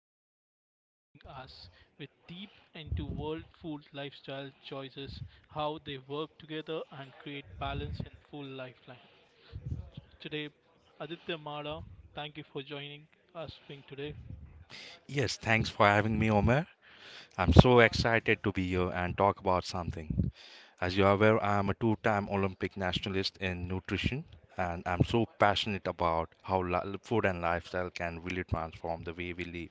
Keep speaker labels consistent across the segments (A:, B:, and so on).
A: amazing guest joining us with deep into world food lifestyle choices, how they work together and create balance and full lifeline. Today, Aditya Mada, thank you for joining us today.
B: Yes, thanks for having me, Omer. I'm so excited to be here and talk about something. As you are aware, I am a two time Olympic nationalist in nutrition, and I'm so passionate about how food and lifestyle can really transform the way we live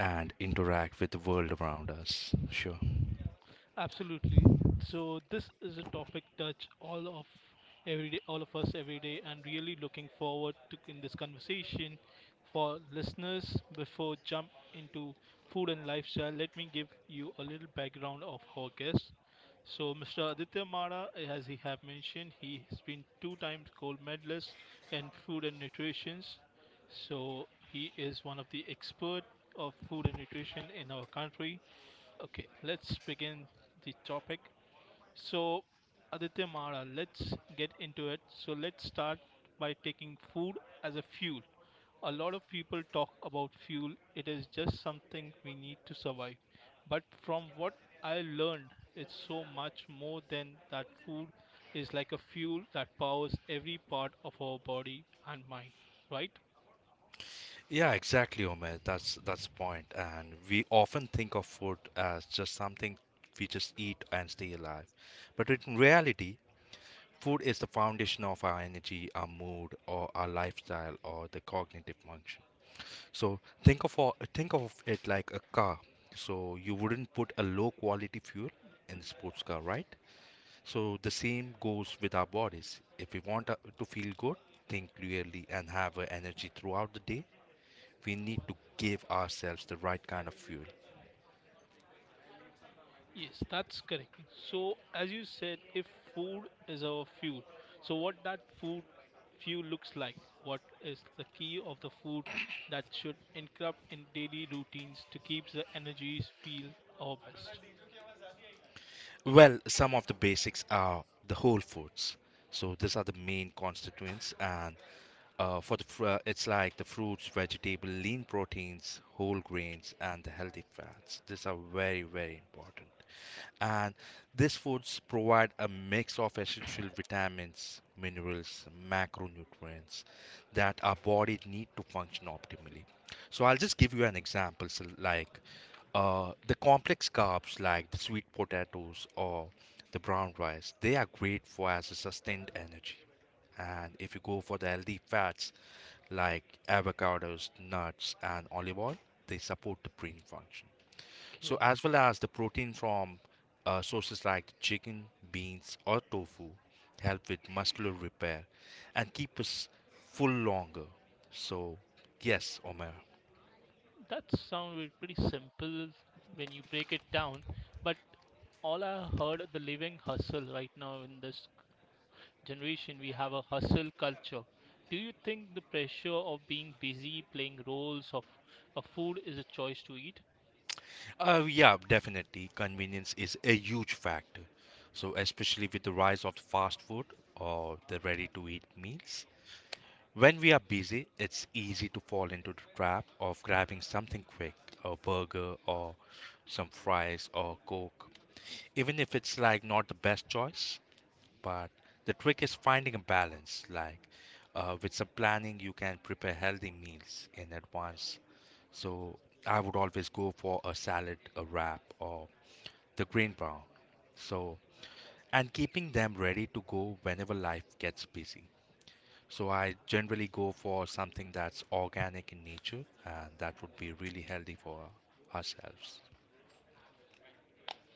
B: and interact with the world around us. Sure.
A: Absolutely. So this is a topic touch all of us every day, and really looking forward to in this conversation. For listeners, before jump into food and lifestyle, let me give you a little background of our guest. So Mr. Aditya Mara, as he have mentioned, he has been two times gold medalist in food and nutrition. So he is one of the expert of food and nutrition in our country. Okay, let's begin the topic. So, Aditya Mara, let's get into it. So, let's start by taking food as a fuel. A lot of people talk about fuel, it is just something we need to survive. But from what I learned, it's so much more than that. Food is like a fuel that powers every part of our body and mind, right?
B: Yeah, exactly, Omer. That's the point. And we often think of food as just something we just eat and stay alive. But in reality, food is the foundation of our energy, our mood, or our lifestyle, or the cognitive function. So think of it like a car. So you wouldn't put a low quality fuel in the sports car, right? So the same goes with our bodies. If we want to feel good, think clearly, and have energy throughout the day, we need to give ourselves the right kind of fuel.
A: Yes, that's correct. So, as you said, if food is our fuel, so what that food fuel looks like, what is the key of the food that should incorporate in daily routines to keep the energies feel our best?
B: Well, some of the basics are the whole foods. So these are the main constituents, and it's like the fruits, vegetable, lean proteins, whole grains, and the healthy fats. These are very, very important. And these foods provide a mix of essential vitamins, minerals, macronutrients that our body need to function optimally. So I'll just give you an example. So like the complex carbs like the sweet potatoes or the brown rice, they are great for as a sustained energy. And if you go for the healthy fats like avocados, nuts, and olive oil, they support the brain function. So
A: Okay,
B: as well as the protein from sources like chicken, beans, or tofu help with muscular repair and keep us full longer. So yes, Omer.
A: that sounds pretty simple when you break it down, but all I heard the living hustle right now in this generation we have a hustle culture. Do you think the pressure of being busy, playing roles of a food is a choice to eat?
B: Yeah, definitely. Convenience is a huge factor. So, especially with the rise of fast food or the ready to eat meals, when we are busy, it's easy to fall into the trap of grabbing something quick, a burger or some fries or Coke, even if it's like not the best choice. But the trick is finding a balance. Like with some planning, you can prepare healthy meals in advance. So, I would always go for a salad, a wrap, or the grain brown. So, and keeping them ready to go whenever life gets busy. So, I generally go for something that's organic in nature, and that would be really healthy for ourselves.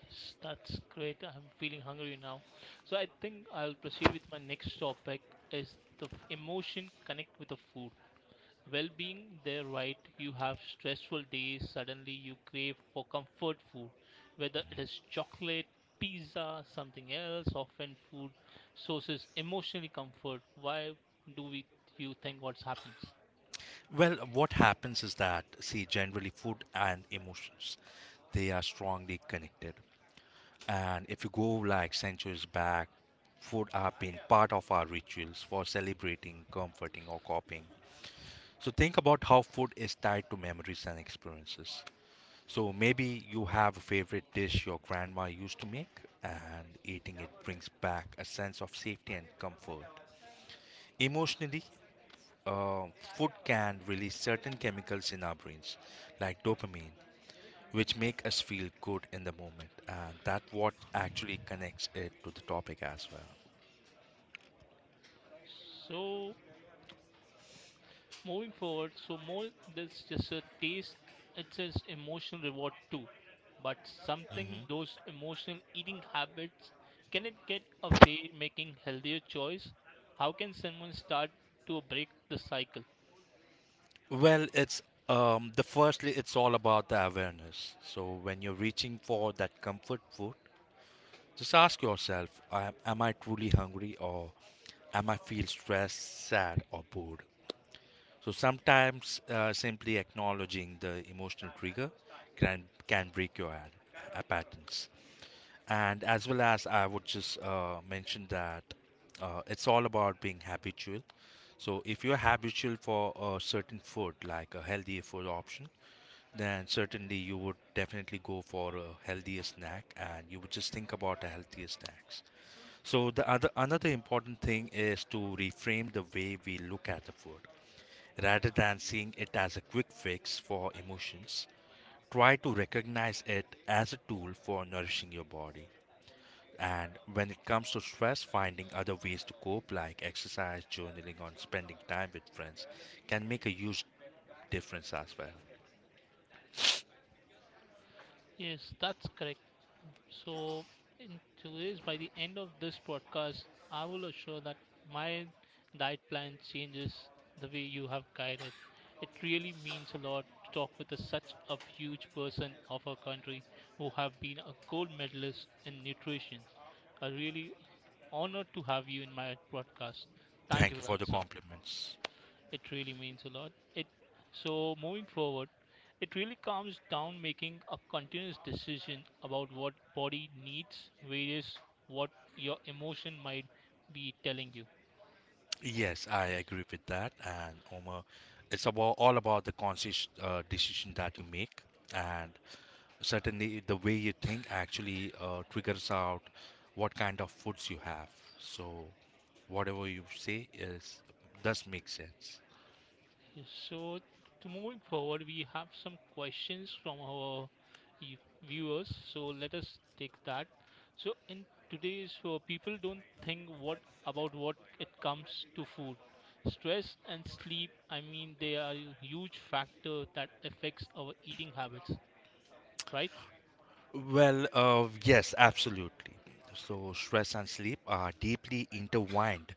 A: Yes, that's great. I'm feeling hungry now. So I think I'll proceed with my next topic is the emotion connect with the food. Well being they're right, you have stressful days, suddenly you crave for comfort food, whether it is chocolate, pizza, something else. Often food sources emotionally comfort. Why do we you think what happens?
B: Well, what happens is that, see, generally food and emotions, they are strongly connected. And if you go like centuries back, food have been part of our rituals for celebrating, comforting, or copying. So think about how food is tied to memories and experiences. So maybe you have a favorite dish your grandma used to make, and eating it brings back a sense of safety and comfort. Emotionally, uh, food can release certain chemicals in our brains, like dopamine, which make us feel good in the moment, and that what actually connects it to the topic as well.
A: So moving forward, so more, there's just a taste, it's an emotional reward too. But
B: Mhm.
A: something those emotional eating habits, can it get away making healthier choice? How can someone start to break the cycle?
B: Well, it's the firstly, it's all about the awareness. So when you're reaching for that comfort food, just ask yourself am I truly hungry or am I feel stressed, sad, or bored? So sometimes simply acknowledging the emotional trigger can break your patterns. And as well as I would just mention that it's all about being habitual. So if you're habitual for a certain food, like a healthier food option, then certainly you would definitely go for a healthier snack and you would just think about a healthier snacks. So the other another important thing is to reframe the way we look at the food. Rather than seeing it as a quick fix for emotions, try to recognize it as a tool for nourishing your body. And when it comes to stress, finding other ways to cope like exercise, journaling, or spending time with friends can make a huge difference as well.
A: Yes, that's correct. So, in today's, by the end of this podcast, I will assure that my diet plan changes the way you have guided. It really means a lot to talk with a, such a huge person of our country who have been a gold medalist in nutrition. A really honor to have you in my podcast. Thank
B: Thank
A: you
B: you
A: for
B: for
A: that,
B: the
A: sir.
B: compliments.
A: It really means a lot. It so moving forward, it really comes down making a continuous decision about what body needs, various what your emotion might be telling you.
B: Yes, I agree with that. And Omar, it's about all about the conscious decision that you make and certainly, the way you think actually triggers out what kind of foods you have. So, whatever you say is does make sense.
A: So, to moving forward, we have some questions from our viewers. So, let us take that. So, in today's people don't think what about what it comes to food. Stress and sleep, I mean, they are a huge factor that affects our eating habits, right?
B: Well, yes, absolutely. So, stress and sleep are deeply intertwined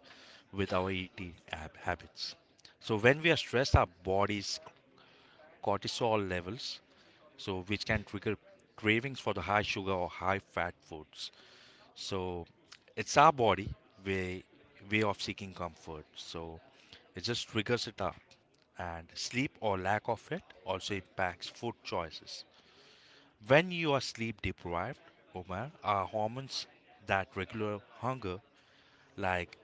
B: with our eating habits. So, when we are stressed, our body's cortisol levels, so which can trigger cravings for the high sugar or high fat foods. So it's our body way way of seeking comfort. So it just triggers it up. And sleep or lack of it also impacts food choices. When you are sleep deprived, Omar, our hormones that regulate hunger, like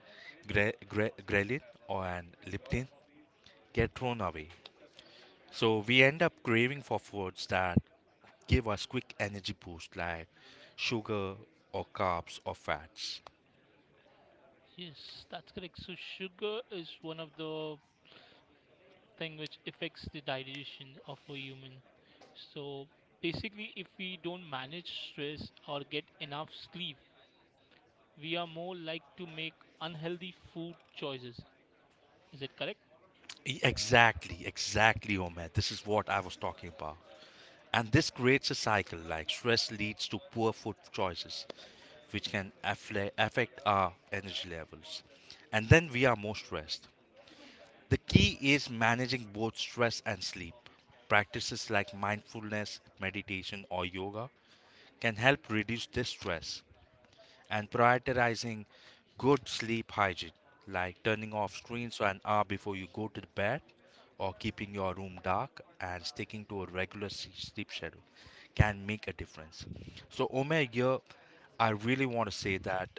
B: ghrelin or and leptin, get thrown away. So we end up craving for foods that give us quick energy boost, like sugar or carbs or fats.
A: Yes, that's correct. So, sugar is one of the thing which affects the digestion of a human. So basically, if we don't manage stress or get enough sleep, we are more like to make unhealthy food choices. Is it correct?
B: Exactly, Omar. This is what I was talking about. And this creates a cycle like stress leads to poor food choices, which can affect our energy levels. And then we are more stressed. The key is managing both stress and sleep. Practices like mindfulness, meditation, or yoga can help reduce this stress and prioritizing good sleep hygiene, like turning off screens an hour before you go to bed or keeping your room dark and sticking to a regular sleep schedule, can make a difference. So, Omer, here I really want to say that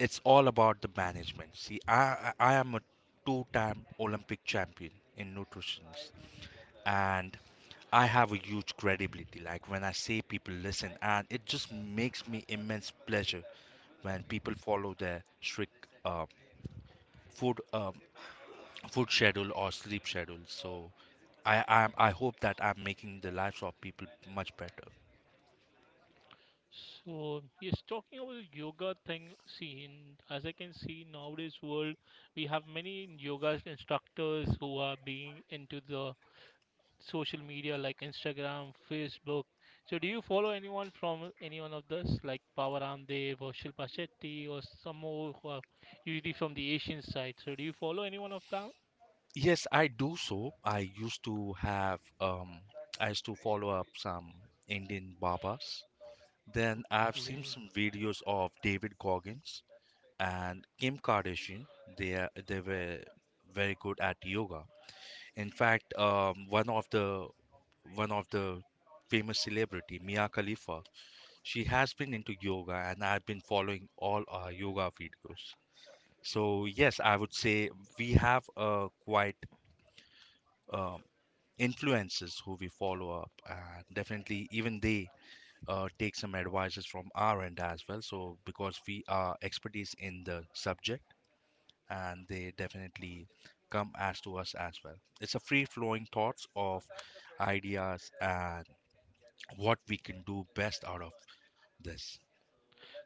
B: it's all about the management. See, I am a two time Olympic champion in nutrition and I have a huge credibility. Like when I say people listen, and it just makes me immense pleasure when people follow their strict food uh, food schedule or sleep schedule. So I hope that I'm making the lives of people much better.
A: So yes, talking about the yoga thing, see, in, as I can see nowadays world, we have many yoga instructors who are being into the social media like Instagram, Facebook. So do you follow anyone from any one of this, like Pawan Ramdev or Shilpa Shetty or some more who are usually from the Asian side? So do you follow anyone of them?
B: Yes, I do so. I used to follow up some Indian babas. Then I've seen
A: Okay.
B: some videos of David Goggins and Kim Kardashian, they were very good at yoga. In fact, one of the famous celebrity, Mia Khalifa, she has been into yoga, and I've been following all our yoga videos. So yes, I would say we have quite um, influences who we follow up, and definitely even they take some advices from our end as well. So because we are expertise in the subject, and they definitely come as to us as well. It's a free flowing thoughts of ideas and what we can do best out of this.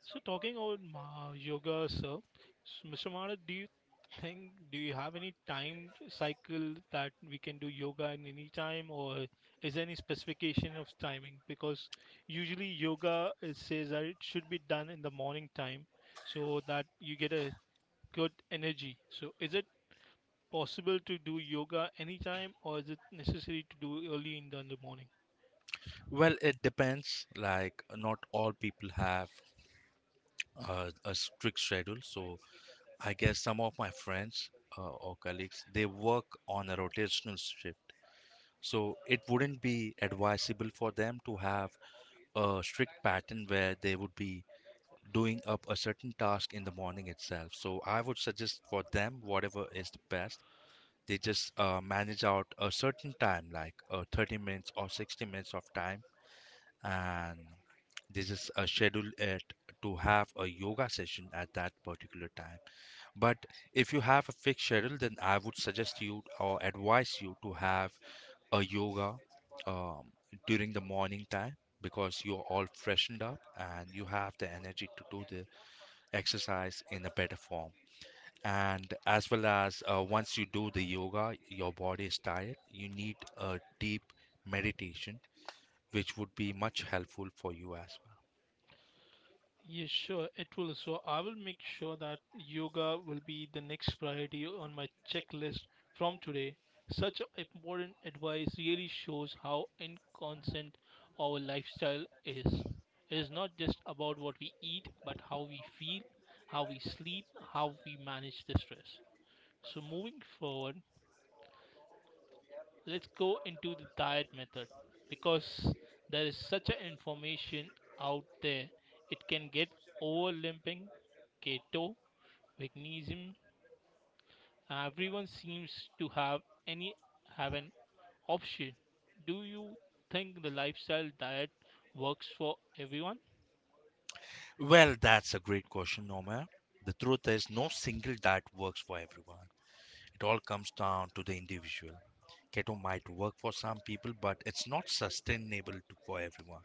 A: So talking about yoga, sir, Mr. Mara, do you think do you have any time cycle that we can do yoga in any time, or is there any specification of timing? Because usually yoga it says that it should be done in the morning time, so that you get a good energy. So is it possible to do yoga anytime, or is it necessary to do early in the morning?
B: Well, it depends. Like, not all people have a strict schedule. So, I guess some of my friends or colleagues they work on a rotational shift. So, it wouldn't be advisable for them to have a strict pattern where they would be doing up a certain task in the morning itself. So I would suggest for them whatever is the best. They just manage out a certain time, like 30 minutes or 60 minutes of time, and they just schedule it to have a yoga session at that particular time. But if you have a fixed schedule, then I would suggest you or advise you to have a yoga um, during the morning time because you're all freshened up and you have the energy to do the exercise in a better form. And as well as once you do the yoga, your body is tired, you need a deep meditation, which would be much helpful for you as well.
A: Yes, sure, it will. So I will make sure that yoga will be the next priority on my checklist from today. Such important advice really shows how inconstant our lifestyle is. It is not just about what we eat, but how we feel, how we sleep, how we manage the stress. So moving forward, let's go into the diet method because there is such a information out there, it can get overlapping, keto, veganism, everyone seems to any have an option. Do you think the lifestyle diet works for everyone?
B: Well, that's a great question, Nomer. The truth is, no single diet works for everyone. It all comes down to the individual. Keto might work for some people, but it's not sustainable for everyone.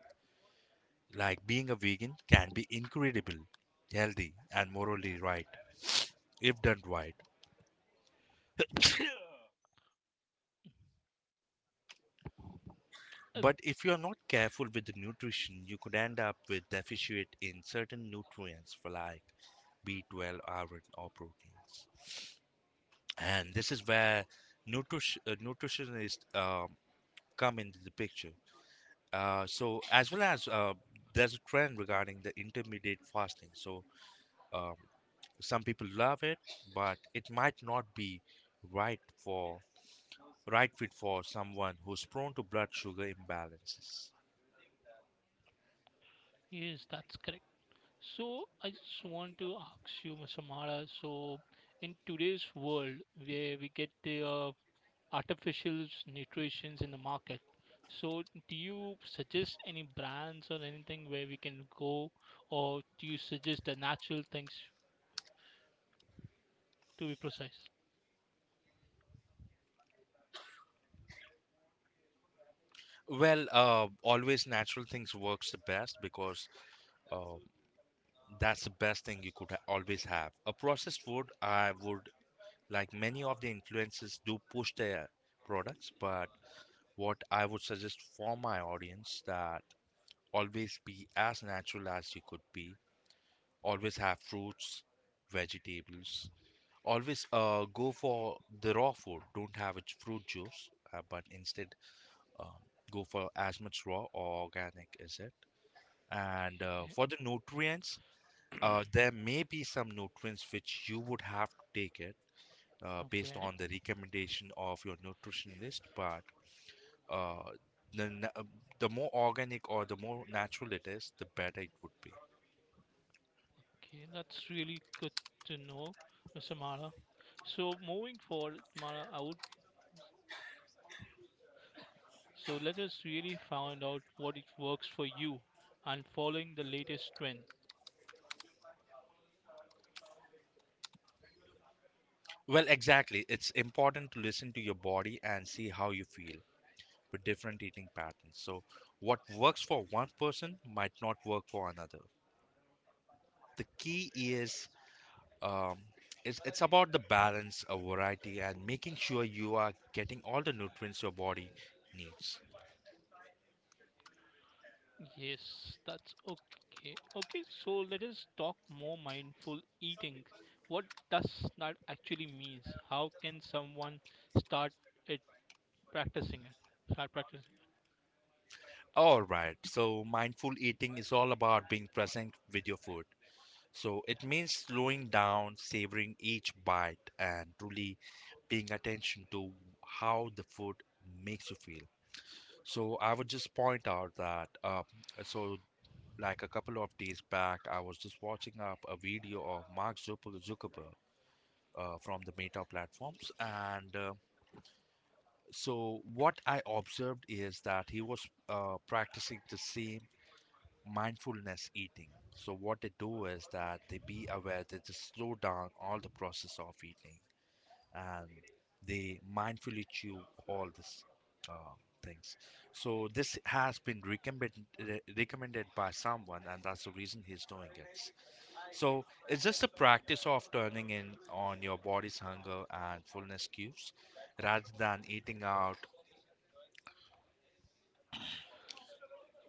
B: Like being a vegan can be incredible, healthy, and morally right if done right.
A: Uh,
B: But if you are not careful with the nutrition, you could end up with deficit in certain nutrients for like B12, iron, or proteins. And this is where nutritionists come into the picture. So as well as there's a trend regarding the intermediate fasting. So um, some people love it, but it might not be right for right fit for someone who's prone to blood sugar imbalances.
A: yes, that's correct. So I just want to ask you, Mr. Mara, so in today's world where we get the artificial nutritions in the market, so do you suggest any brands or anything where we can go, or do you suggest the natural things to be precise?
B: Well, always natural things works the best because uh, that's the best thing you could always have. A processed food, I would like many of the influences do push their products, but what I would suggest for my audience that always be as natural as you could be. Always have fruits, vegetables. Always go for the raw food. Don't have a fruit juice, but instead um, go for as much raw or organic is it. And
A: Okay,
B: for the nutrients, there may be some nutrients which you would have to take it based
A: okay,
B: on the recommendation of your nutritionist. But uh, the, na- uh, the more organic or the more natural it is, the better it would be.
A: okay, that's really good to know, Mr. Mara. So moving forward, Mara, I would. So let us really find out what it works for you and following the latest trend.
B: Well, exactly. It's important to listen to your body and see how you feel with different eating patterns. So, what works for one person might not work for another. The key is um, it's about the balance of variety and making sure you are getting all the nutrients your body needs.
A: Yes, that's okay. Okay, so let us talk more mindful eating. What does that actually means? How can someone start it practicing it? Start practicing.
B: All right, so mindful eating is all about being present with your food. So it means slowing down, savoring each bite, and truly paying attention to how the food makes you feel. So I would just point out that so like a couple of days back, I was just watching up a video of Mark Zuckerberg from the Meta platforms. And what I observed is that he was practicing the same mindfulness eating. So, what they do is that they be aware, they just slow down all the process of eating and they mindfully chew all these uh, things. So, this has been recommended by someone, and that's the reason he's doing it. So it's just a practice of turning in on your body's hunger and fullness cues rather than eating out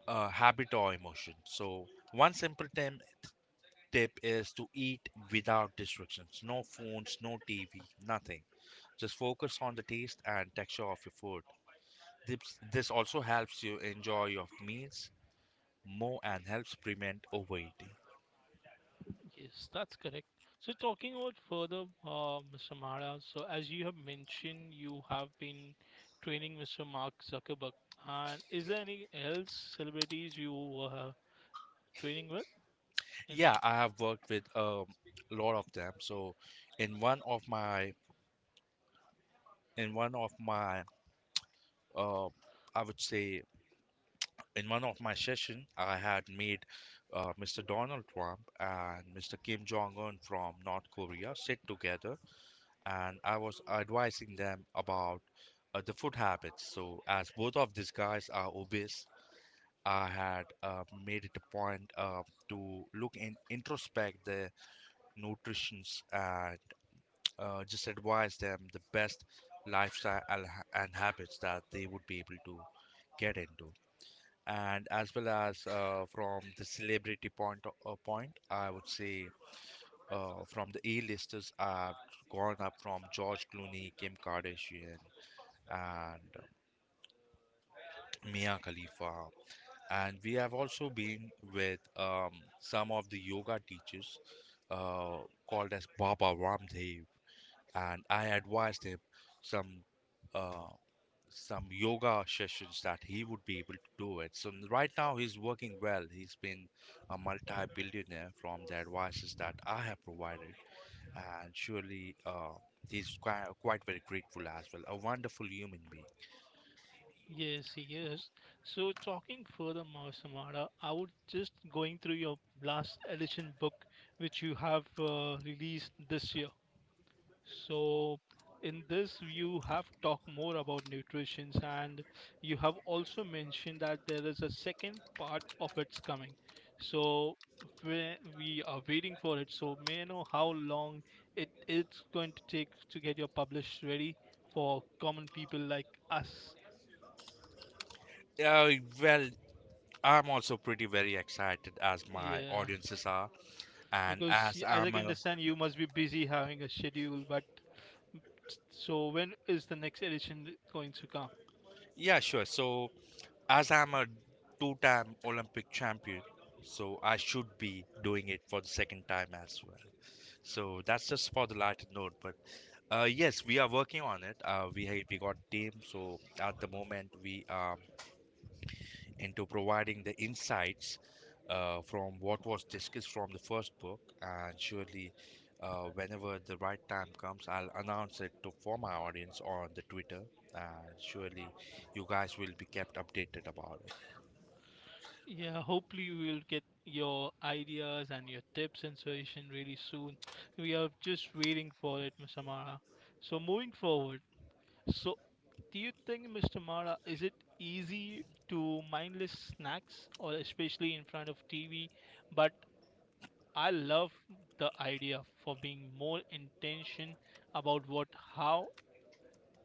B: a habit or emotion. So one simple tip is to eat without distractions. No phones, no TV, nothing. Just focus on the taste and texture of your food. This, this also helps you enjoy your meals more and helps prevent overeating.
A: Yes, that's correct. So talking about further, Mr. Mara. So as you have mentioned, you have been training Mr. Mark Zuckerberg. And is there any else celebrities you training with and?
B: Yeah, I have worked with a lot of them. So in one of my in one of my uh, I would say in one of my session, I had made Mr. Donald Trump and Mr. Kim Jong Un from North Korea sit together, and I was advising them about the food habits. So, as both of these guys are obese, I had made it a point to look in introspect their nutritions and just advise them the best lifestyle and habits that they would be able to get into, and as well as from the celebrity point, I would say from the A-listers, I've gone up from George Clooney, Kim Kardashian, and Mia Khalifa. And we have also been with some of the yoga teachers uh, called as Baba Ramdev, and I advised him some uh, some yoga sessions that he would be able to do it. So right now he's working well. He's been a multi-billionaire from the advices that I have provided, and surely he's quite very grateful as well. A wonderful human being.
A: Yes, yes. So talking further, Samara, I would just going through your last edition book, which you have released this year. So, in this, you have talked more about nutrition, and you have also mentioned that there is a second part of its coming. So, we are waiting for it. So, may I know how long it's going to take to get your published ready for common people like us?
B: Uh, well, I'm also pretty very excited as my
A: Yeah,
B: audiences are, and
A: because
B: as
A: as I
B: I'm
A: can
B: a
A: understand, you must be busy having a schedule. But so, when is the next edition going to come?
B: yeah, sure. So as I'm a two time Olympic champion, so I should be doing it for the second time as well. So that's just for the lighter note. But yes, we are working on it. We got team. So at the moment, we are into providing the insights from what was discussed from the first book, and surely. Whenever the right time comes, I'll announce it to for my audience on the Twitter, and surely you guys will be kept updated about it.
A: Yeah, hopefully we will get your ideas and your tips and suggestion really soon. We are just waiting for it, Mr. Mara. So moving forward, so do you think, Mr. Mara, is it easy to mindless snacks or especially in front of TV? But I love the idea for being more intention about what how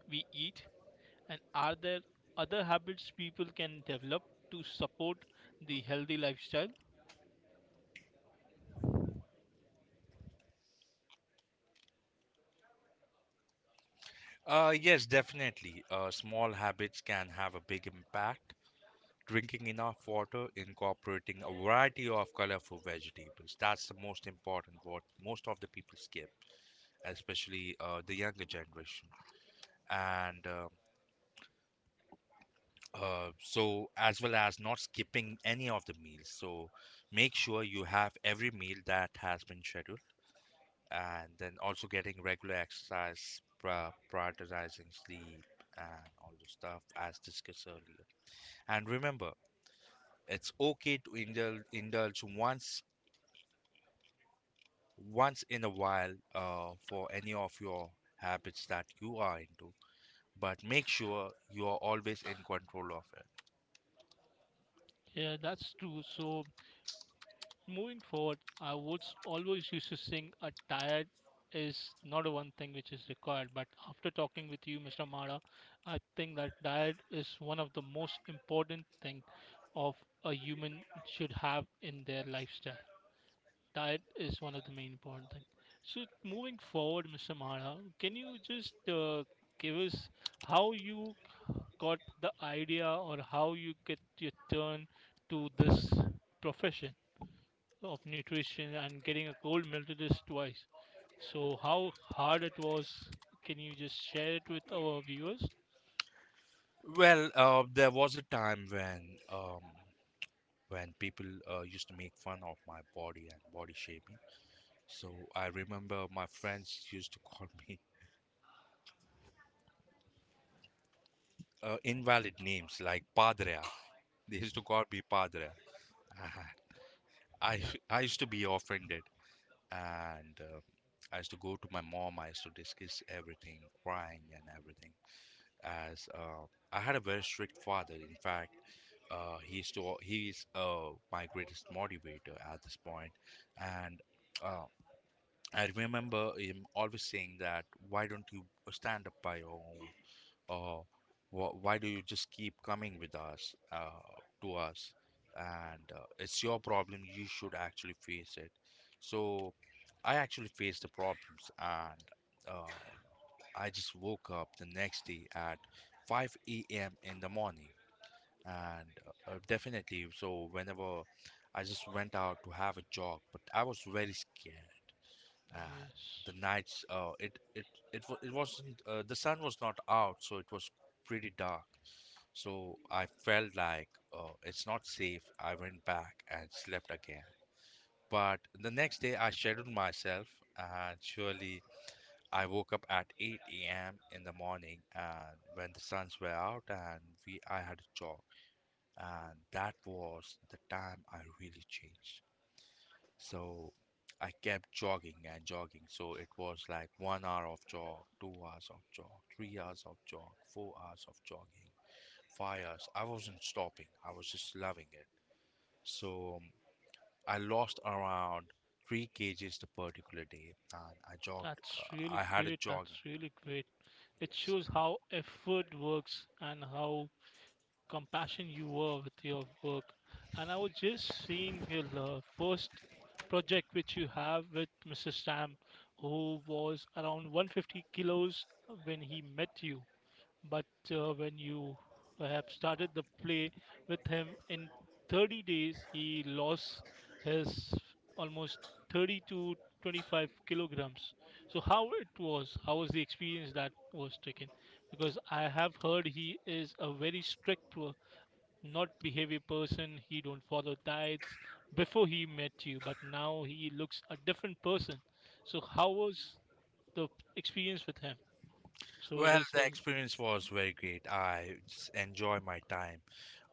A: we eat, and are there other habits people can develop to support the healthy lifestyle?
B: Yes, definitely. Small habits can have a big impact. Drinking enough water, incorporating a variety of colorful vegetables. That's the most important what most of the people skip, especially the younger generation. And as well as not skipping any of the meals. So, make sure you have every meal that has been scheduled, and then also getting regular exercise, prioritizing sleep, and all the stuff as discussed earlier. And remember, it's okay to indulge once in a while for any of your habits that you are into, but make sure you are always in control of it.
A: Yeah, that's true. So moving forward, I would always used to sing a tired is not a one thing which is required. But after talking with you, Mr. Mara, I think that diet is one of the most important thing of a human should have in their lifestyle. Diet is one of the main important thing. So moving forward, Mr. Mara, can you just give us how you got the idea or how you get your turn to this profession of nutrition and getting a gold medalist twice. So how hard it was? Can you just share it with our viewers?
B: Well, there was a time when people used to make fun of my body and body shaming. So I remember my friends used to call me invalid names like Padrea. They used to call me Padre. I I used to be offended, and I used to go to my mom. I used to discuss everything, crying and everything. As I had a very strict father. In fact, he used to he's my greatest motivator at this point, point. And. Uh, I remember him always saying that, why don't you stand up by your own? Oh, why do you just keep coming with us to us? And it's your problem, you should actually face it. So I actually faced the problems, and uh, I just woke up the next day at 5 a.m. in the morning. And definitely so whenever I just went out to have a jog, but I was very scared, and
A: Yes,
B: the nights, it wasn't, the sun was not out, so it was pretty dark. So I felt like it's not safe. I went back and slept again. But the next day I scheduled myself, and surely I woke up at 8 a.m. in the morning, and when the suns were out, and we I had a jog, and that was the time I really changed. So I kept jogging and jogging. So it was like 1 hour of jog, 2 hours of jog, 3 hours of jog, 4 hours of jogging fires. I wasn't stopping, I was just loving it. So I lost around 3 kgs the particular day, and I jogged.
A: that's really
B: I had a
A: great. That's
B: jogging.
A: really great. It shows how effort works and how compassion you were with your work. And I was just seeing your first project which you have with Mr. Sam, who was around 150 kilos when he met you. But when you have started the play with him in 30 days, he lost his almost 30 to 25 kilograms. So how it was? How was the experience that was taken? Because I have heard he is a very strict not behavior person, he don't follow diets before he met you, but now he looks a different person. So how was the experience with him? So it
B: Well,
A: is
B: the
A: was.
B: experience was very great. I just enjoy my time,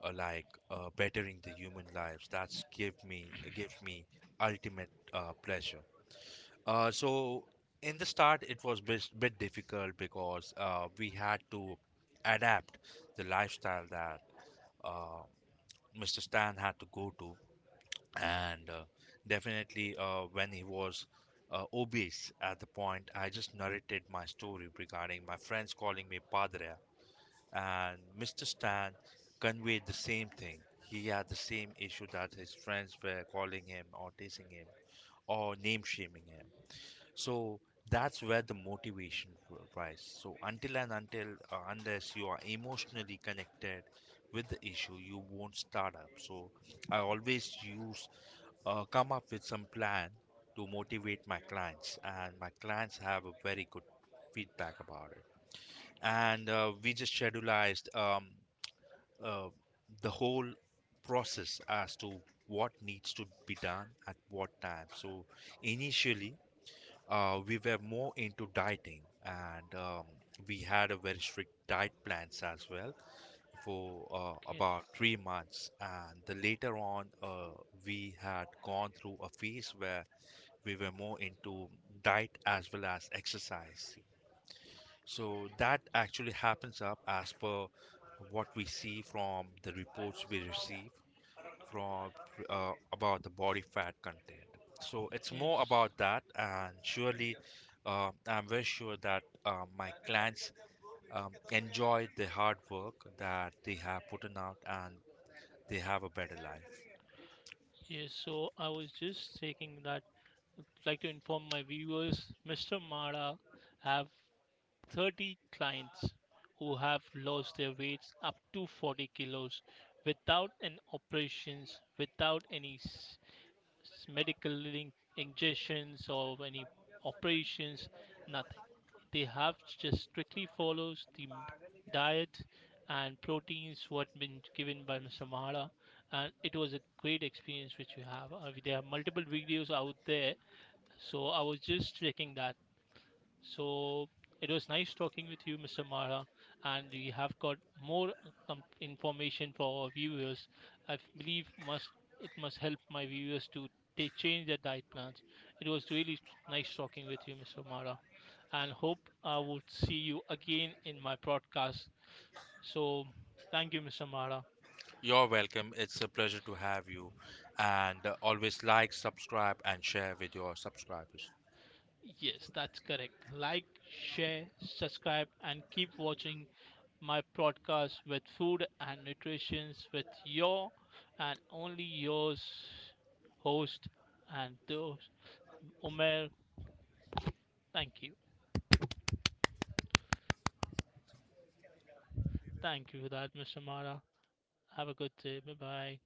B: like bettering the human lives. That's give me ultimate pleasure. So in the start, it was bit difficult because we had to adapt the lifestyle that uh, Mr. Stan had to go to, and definitely when he was obese at the point, I just narrated my story regarding my friends calling me Padre, and Mr. Stan conveyed the same thing. He had the same issue that his friends were calling him or teasing him or name shaming him. So that's where the motivation will rise. So until and until unless you are emotionally connected with the issue, you won't start up. So I always use come up with some plan to motivate my clients, and my clients have a very good feedback about it. And we just schedulized uh, the whole process as to what needs to be done at what time. So initially we were more into dieting, and we had a very strict diet plans as well for
A: Okay,
B: about 3 months, and the later on we had gone through a phase where we were more into diet as well as exercise, so that actually happens up as per what we see from the reports we receive from about the body fat content. So it's more
A: yes,
B: about that, and surely I'm very sure that my clients enjoy the hard work that they have put in out, and they have a better life.
A: yes. So I was just taking that, I'd like to inform my viewers Mr. Mara have 30 clients who have lost their weights up to 40 kilos without an operations, without any medical injections or any operations, nothing. They have just strictly follows the diet and proteins what been given by Mr. Mahara, and it was a great experience which you have. There are multiple videos out there, so I was just checking that. So it was nice talking with you, Mr. Mara, and we have got more information for our viewers. I believe must it must help my viewers to they change their diet plans. It was really nice talking with you, Mr. Mara, and hope I would see you again in my broadcast. So thank you, Mr. Mara.
B: You're welcome. It's a pleasure to have you, and always like, subscribe, and share with your subscribers.
A: Yes, that's correct. Like, share, subscribe, and keep watching my podcast with food and nutrition with your and only yours host and those Umer. Thank you. Thank you for that, Mr. Mara. Have a good day. Bye bye.